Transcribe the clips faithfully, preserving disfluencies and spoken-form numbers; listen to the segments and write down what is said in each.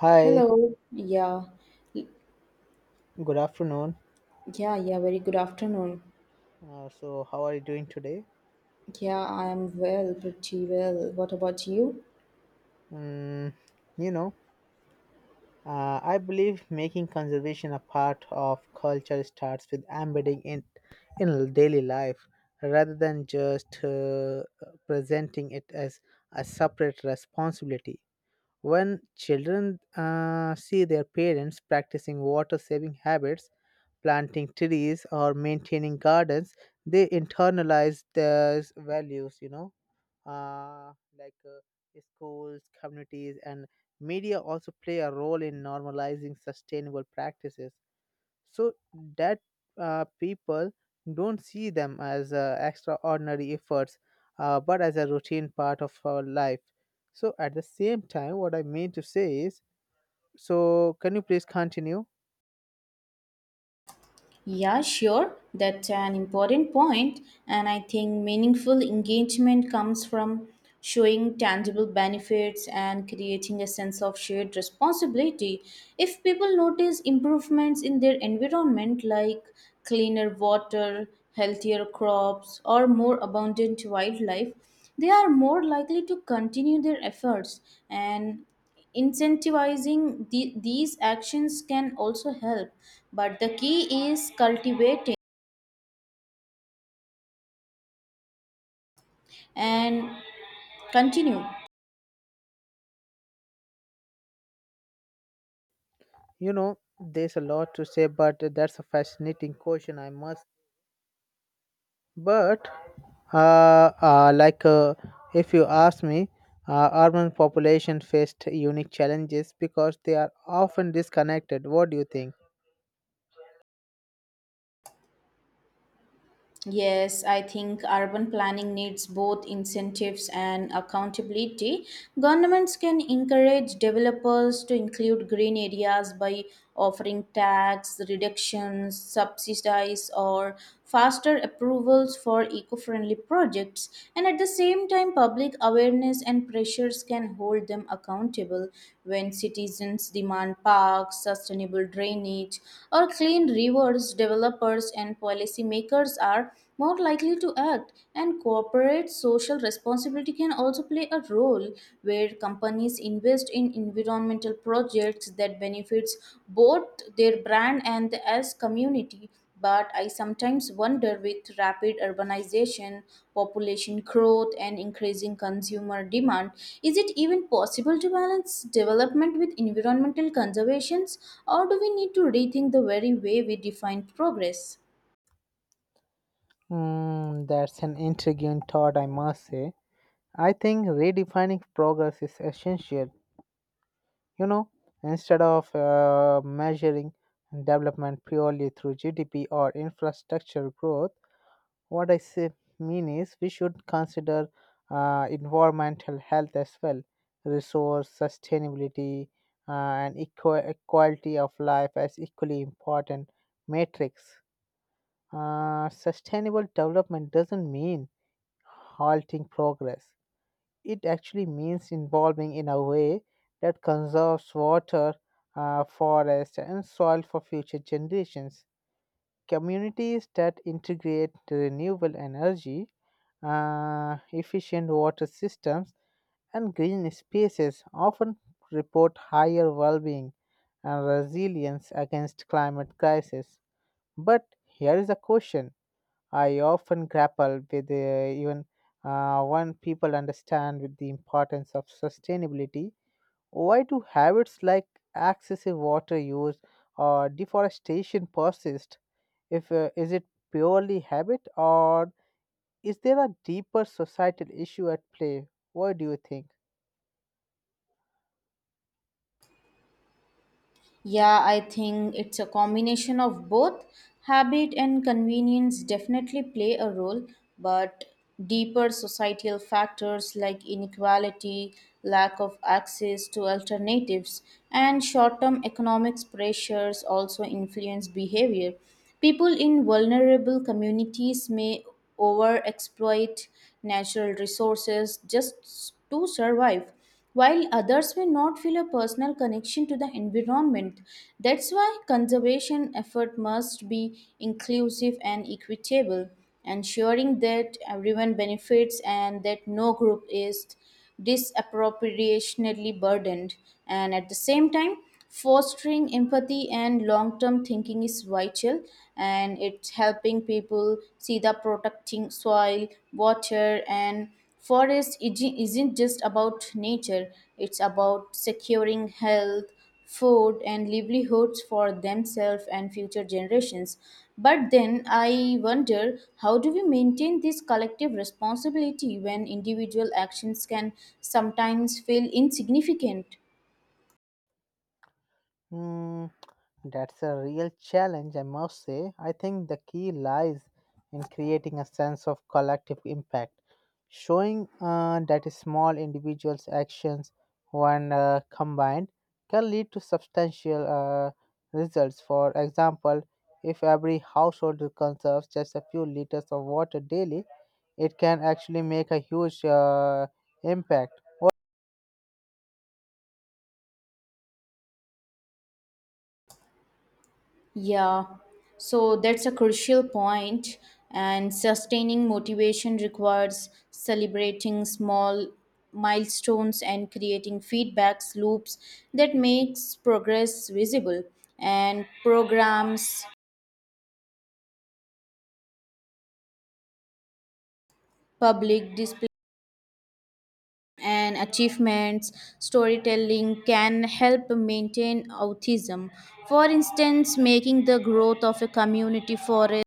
Hi, Hello. Yeah. Y- good afternoon. Yeah, yeah, very good afternoon. Uh, so, how are you doing today? Yeah, I am well, pretty well. What about you? Mm, you know, uh, I believe making conservation a part of culture starts with embedding it in daily life rather than just uh, presenting it as a separate responsibility. When children uh, see their parents practicing water saving habits, planting trees, or maintaining gardens, they internalize those values, you know uh, like uh, schools, communities, and media also play a role in normalizing sustainable practices so that uh, people don't see them as uh, extraordinary efforts uh, but as a routine part of our life. So, at the same time, what I mean to say is so, can you please continue? Yeah, sure. That's an important point, and I think meaningful engagement comes from showing tangible benefits and creating a sense of shared responsibility. If people notice improvements in their environment, like cleaner water, healthier crops, or more abundant wildlife, they are more likely to continue their efforts, and incentivizing the, these actions can also help, but the key is cultivating and continue. You know, there's a lot to say, but that's a fascinating question, I must. But Uh, uh, like, uh, if you ask me, uh, urban population faced unique challenges because they are often disconnected. What do you think? Yes, I think urban planning needs both incentives and accountability. Governments can encourage developers to include green areas by offering tax reductions, subsidies, or faster approvals for eco friendly projects. And at the same time, public awareness and pressures can hold them accountable. When citizens demand parks, sustainable drainage, or clean rivers, developers and policymakers policymakers are more likely to act, and corporate social responsibility can also play a role where companies invest in environmental projects that benefits both their brand and the as community. But I sometimes wonder, with rapid urbanization, population growth, and increasing consumer demand, is it even possible to balance development with environmental conservations, or do we need to rethink the very way we define progress? Mm, that's an intriguing thought, I must say. I think redefining progress is essential. You know, instead of uh, measuring development purely through G D P or infrastructure growth, what I say mean is we should consider uh, environmental health as well, resource sustainability, uh, and equa- quality of life as equally important metrics. Uh, sustainable development doesn't mean halting progress. It actually means involving in a way that conserves water, uh, forest, and soil for future generations. Communities that integrate renewable energy, uh, efficient water systems, and green spaces often report higher well-being and resilience against climate crisis. But here is a question I often grapple with, uh, even uh, when people understand with the importance of sustainability. Why do habits like excessive water use or deforestation persist if uh, is it purely habit or is there a deeper societal issue at play? What do you think? Yeah, I think it's a combination of both. Habit and convenience definitely play a role, but deeper societal factors like inequality, lack of access to alternatives, and short term economic pressures also influence behavior. People in vulnerable communities may overexploit natural resources just to survive, while others may not feel a personal connection to the environment. That's why conservation effort must be inclusive and equitable, ensuring that everyone benefits and that no group is disproportionately burdened. And at the same time, fostering empathy and long-term thinking is vital, and it's helping people see the protecting soil water and forest iji- isn't just about nature, it's about securing health, food, and livelihoods for themselves and future generations. But then I wonder, how do we maintain this collective responsibility when individual actions can sometimes feel insignificant? Hmm. That's a real challenge, I must say. I think the key lies in creating a sense of collective impact, showing uh, that small individuals' actions, when uh, combined, can lead to substantial uh, results. For example, if every household conserves just a few liters of water daily, it can actually make a huge uh, impact. Yeah, so that's a crucial point, and sustaining motivation requires celebrating small milestones and creating feedbacks loops that makes progress visible, and programs, public display, and achievements storytelling can help maintain autism. For instance, making the growth of a community forest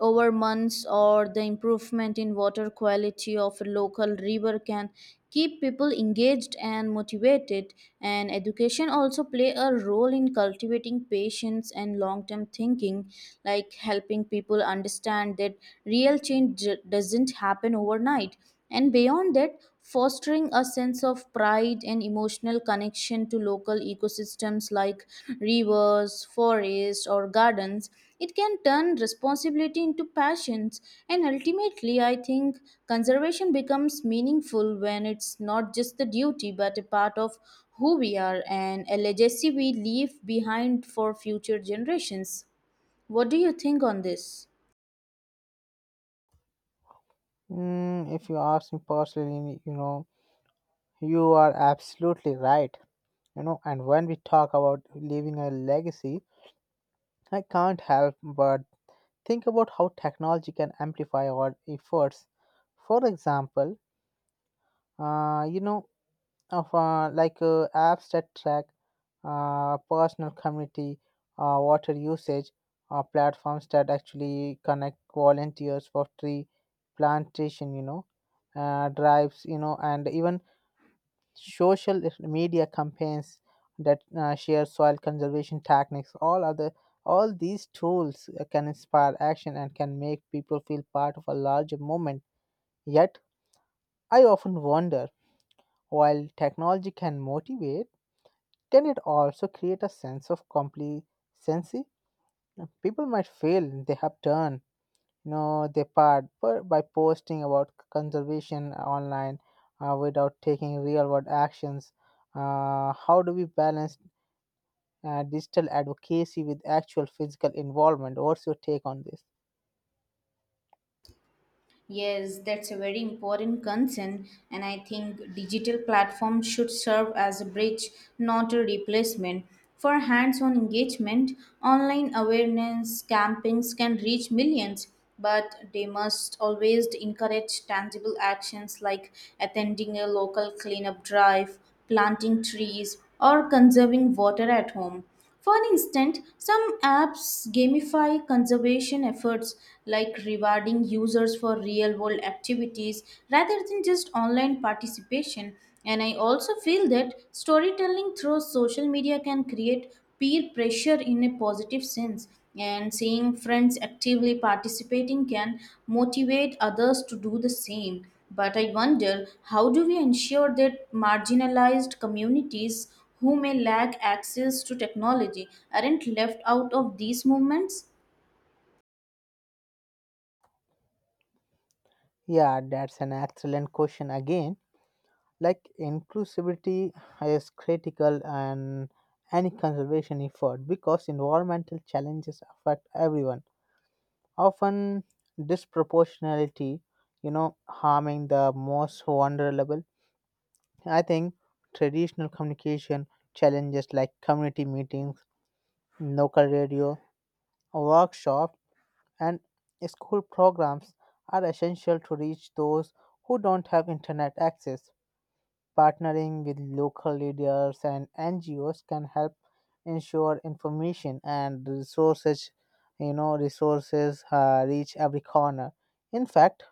over months or the improvement in water quality of a local river can keep people engaged and motivated, and education also play a role in cultivating patience and long term thinking, like helping people understand that real change d- doesn't happen overnight, and beyond that fostering a sense of pride and emotional connection to local ecosystems like rivers, forests, or gardens. It can turn responsibility into passions, and ultimately, I think conservation becomes meaningful when it's not just the duty but a part of who we are and a legacy we leave behind for future generations. What do you think on this? Mm, if you ask me personally, you know, you are absolutely right. You know, and when we talk about leaving a legacy, I can't help but think about how technology can amplify our efforts. For example, uh, you know of uh, like uh, apps that track uh, personal community uh, water usage uh, platforms that actually connect volunteers for tree plantation, you know uh, drives, you know and even social media campaigns that uh, share soil conservation techniques, all other all these tools uh, can inspire action and can make people feel part of a larger movement. Yet I often wonder, while technology can motivate, can it also create a sense of complacency? People might feel they have done, you know, their part, but by posting about conservation online uh, without taking real world actions, uh, how do we balance uh, digital advocacy with actual physical involvement? What's your take on this? Yes, that's a very important concern, and I think digital platforms should serve as a bridge, not a replacement. For hands on engagement, online awareness campaigns can reach millions, but they must always encourage tangible actions like attending a local cleanup drive, planting trees, or conserving water at home. For instance, some apps gamify conservation efforts, like rewarding users for real world activities rather than just online participation. And I also feel that storytelling through social media can create peer pressure in a positive sense. And seeing friends actively participating can motivate others to do the same. But I wonder, how do we ensure that marginalized communities who may lack access to technology aren't left out of these movements? Yeah, that's an excellent question again. Like, inclusivity is critical and any conservation effort, because environmental challenges affect everyone, often disproportionality, you know, harming the most vulnerable. I think traditional communication challenges like community meetings, local radio, workshops, and school programs are essential to reach those who don't have internet access. Partnering with local leaders and N G Os can help ensure information and resources, you know, resources uh, reach every corner. In fact,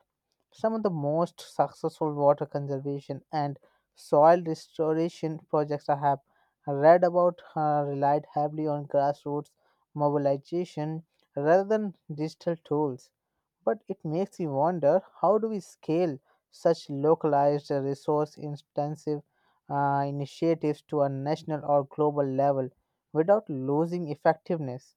some of the most successful water conservation and soil restoration projects I have read about uh, relied heavily on grassroots mobilization rather than digital tools. But it makes you wonder, how do we scale such localized, resource intensive uh, initiatives to a national or global level without losing effectiveness?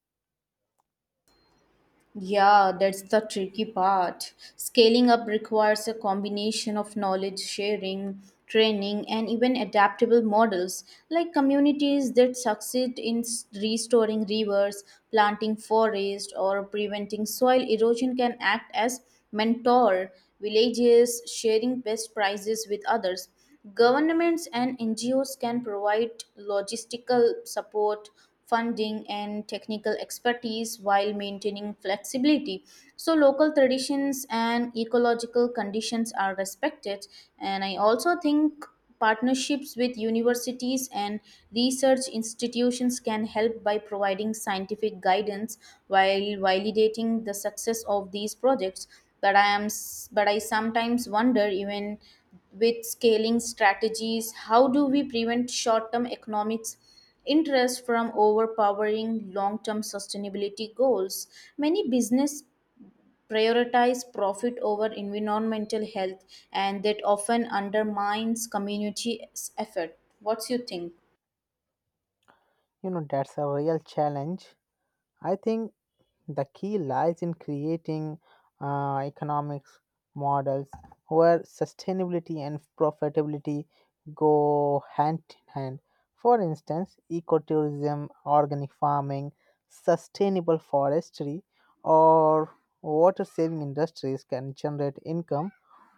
Yeah, that's the tricky part. Scaling up requires a combination of knowledge sharing, training, and even adaptable models, like communities that succeed in s- restoring rivers, planting forests, or preventing soil erosion can act as mentor villages sharing best practices with others. Governments and N G Os can provide logistical support, funding, and technical expertise while maintaining flexibility. So, local traditions and ecological conditions are respected. And I also think partnerships with universities and research institutions can help by providing scientific guidance while validating the success of these projects. But I am s- but I sometimes wonder, even with scaling strategies, how do we prevent short-term economics interest from overpowering long-term sustainability goals? Many business prioritize profit over environmental health, and that often undermines community effort. What's you think? You know, that's a real challenge. I think the key lies in creating uh, economics models where sustainability and profitability go hand in hand. For instance, ecotourism, organic farming, sustainable forestry, or water saving industries can generate income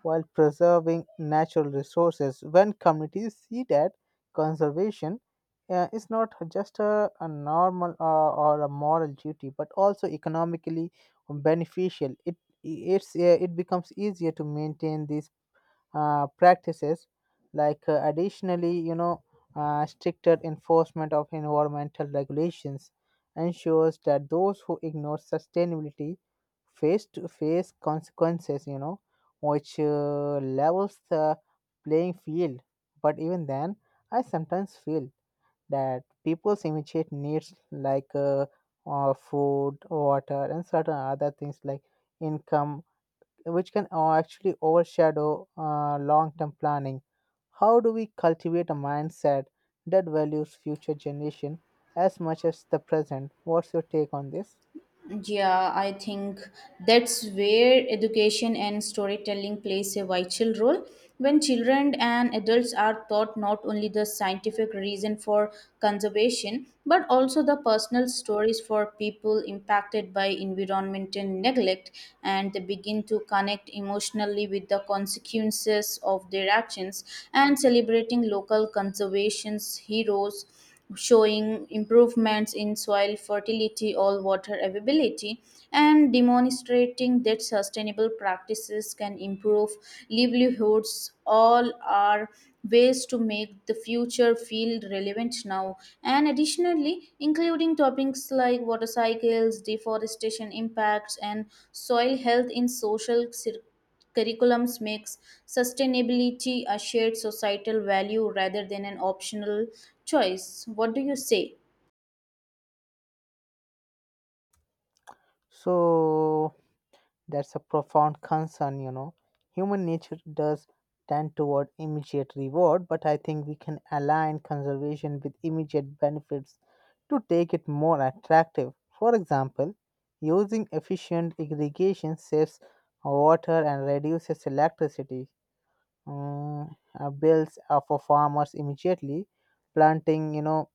while preserving natural resources. When communities see that conservation, yeah, it's not just a, a normal or, or a moral duty, but also economically beneficial. It it's uh, it becomes easier to maintain these uh, practices. Like uh, additionally, you know, uh, stricter enforcement of environmental regulations ensures that those who ignore sustainability face to face consequences. You know, which uh, levels the playing field. But even then, I sometimes feel that people's immediate needs like uh, uh, food, water, and certain other things like income, which can uh, actually overshadow uh, long-term planning. How do we cultivate a mindset that values future generation as much as the present? What's your take on this? Yeah, I think that's where education and storytelling plays a vital role. When children and adults are taught not only the scientific reason for conservation, but also the personal stories for people impacted by environmental neglect, and they begin to connect emotionally with the consequences of their actions, and celebrating local conservation's heroes, showing improvements in soil fertility or water availability, and demonstrating that sustainable practices can improve livelihoods all are ways to make the future feel relevant now. And additionally, including topics like water cycles, deforestation impacts, and soil health in social circles curriculums makes sustainability a shared societal value rather than an optional choice. What do you say? So, that's a profound concern, you know. Human nature does tend toward immediate reward, but I think we can align conservation with immediate benefits to take it more attractive. For example, using efficient irrigation saves water and reduces electricity mm, uh, bills uh, for farmers immediately. Planting, you know,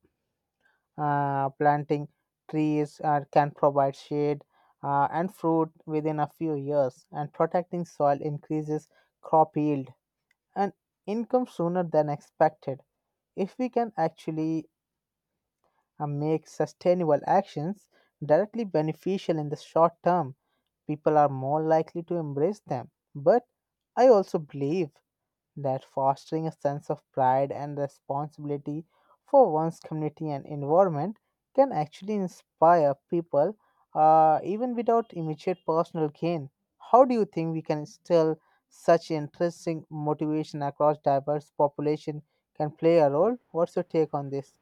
uh, planting trees uh, can provide shade uh, and fruit within a few years, and protecting soil increases crop yield and income sooner than expected. If we can actually uh, make sustainable actions directly beneficial in the short term, people are more likely to embrace them. But I also believe that fostering a sense of pride and responsibility for one's community and environment can actually inspire people uh, even without immediate personal gain. How do you think we can instill such interesting motivation across diverse population can play a role? What's your take on this?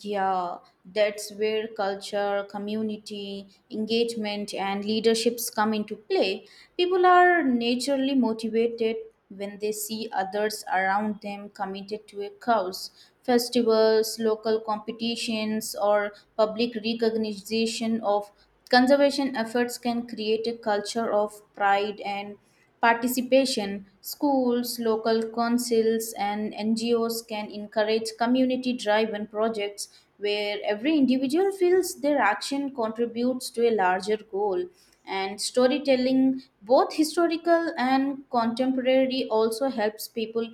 Yeah, that's where culture, community, engagement, and leaderships come into play. People are naturally motivated when they see others around them committed to a cause. Festivals, local competitions, or public recognition of conservation efforts can create a culture of pride and participation. Schools, local councils, and N G Os can encourage community driven projects where every individual feels their action contributes to a larger goal. And storytelling, both historical and contemporary, also helps people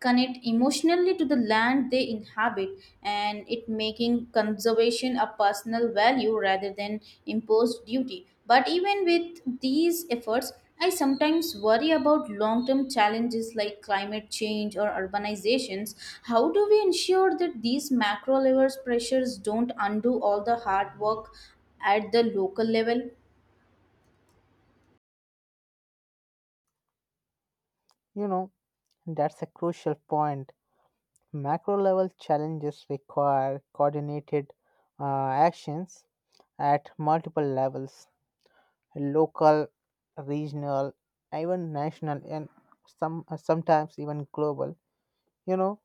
connect emotionally to the land they inhabit, and it making conservation a personal value rather than imposed duty. But even with these efforts, I sometimes worry about long term challenges like climate change or urbanizations. How do we ensure that these macro level pressures don't undo all the hard work at the local level? You know, that's a crucial point. Macro level challenges require coordinated uh, actions at multiple levels: local, regional, even national, and some sometimes even global. You know,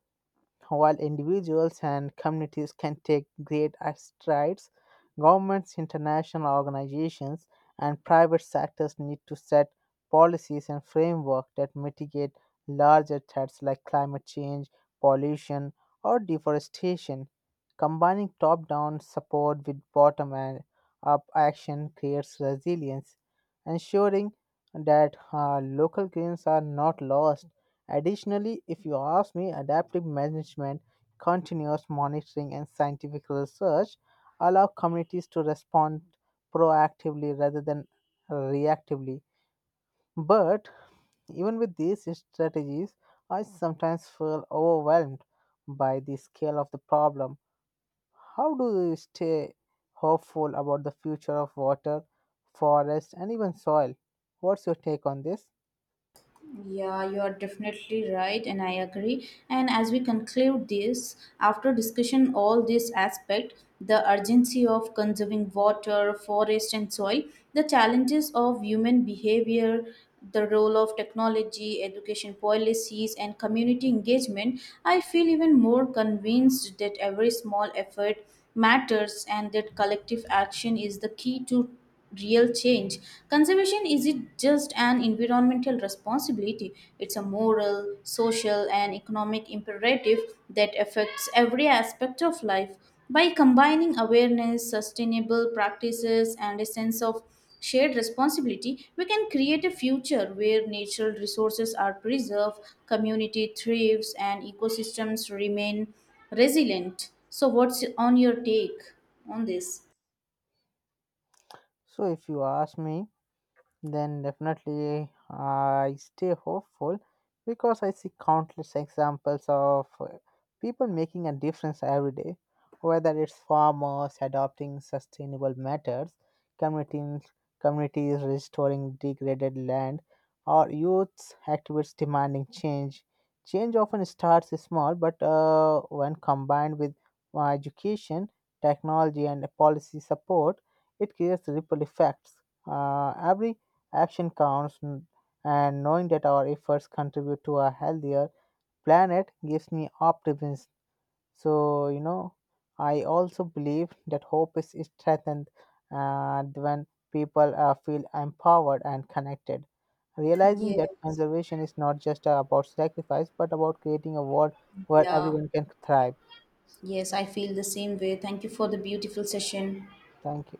while individuals and communities can take great strides, governments, international organizations, and private sectors need to set policies and frameworks that mitigate larger threats like climate change, pollution, or deforestation. Combining top down support with bottom up action creates resilience, ensuring that uh, local gains are not lost. Additionally, if you ask me, adaptive management, continuous monitoring, and scientific research allow communities to respond proactively rather than reactively. But even with these strategies, I sometimes feel overwhelmed by the scale of the problem. How do we stay hopeful about the future of water, forest, and even soil? What's your take on this? Yeah, you are definitely right, and I agree. And as we conclude this, after discussion all this aspect, the urgency of conserving water, forest, and soil, the challenges of human behavior, the role of technology, education policies, and community engagement, I feel even more convinced that every small effort matters and that collective action is the key to real change. Conservation isn't just an environmental responsibility, it's a moral, social, and economic imperative that affects every aspect of life. By combining awareness, sustainable practices, and a sense of shared responsibility, we can create a future where natural resources are preserved, community thrives, and ecosystems remain resilient. So, what's on your take on this? So, if you ask me, then definitely I stay hopeful because I see countless examples of uh, people making a difference every day, whether it's farmers adopting sustainable methods, communities, communities restoring degraded land, or youths activists demanding change. Change often starts small, but uh, when combined with uh, education, technology, and policy support, it creates ripple effects. Uh, every Action counts, n- And knowing that our efforts contribute to a healthier planet gives me optimism. So, you know, I also believe that hope is is strengthened uh, when people uh, feel empowered and connected. Realizing Yeah, that conservation is not just about sacrifice but about creating a world where yeah. everyone can thrive. Yes, I feel the same way. Thank you for the beautiful session. Thank you.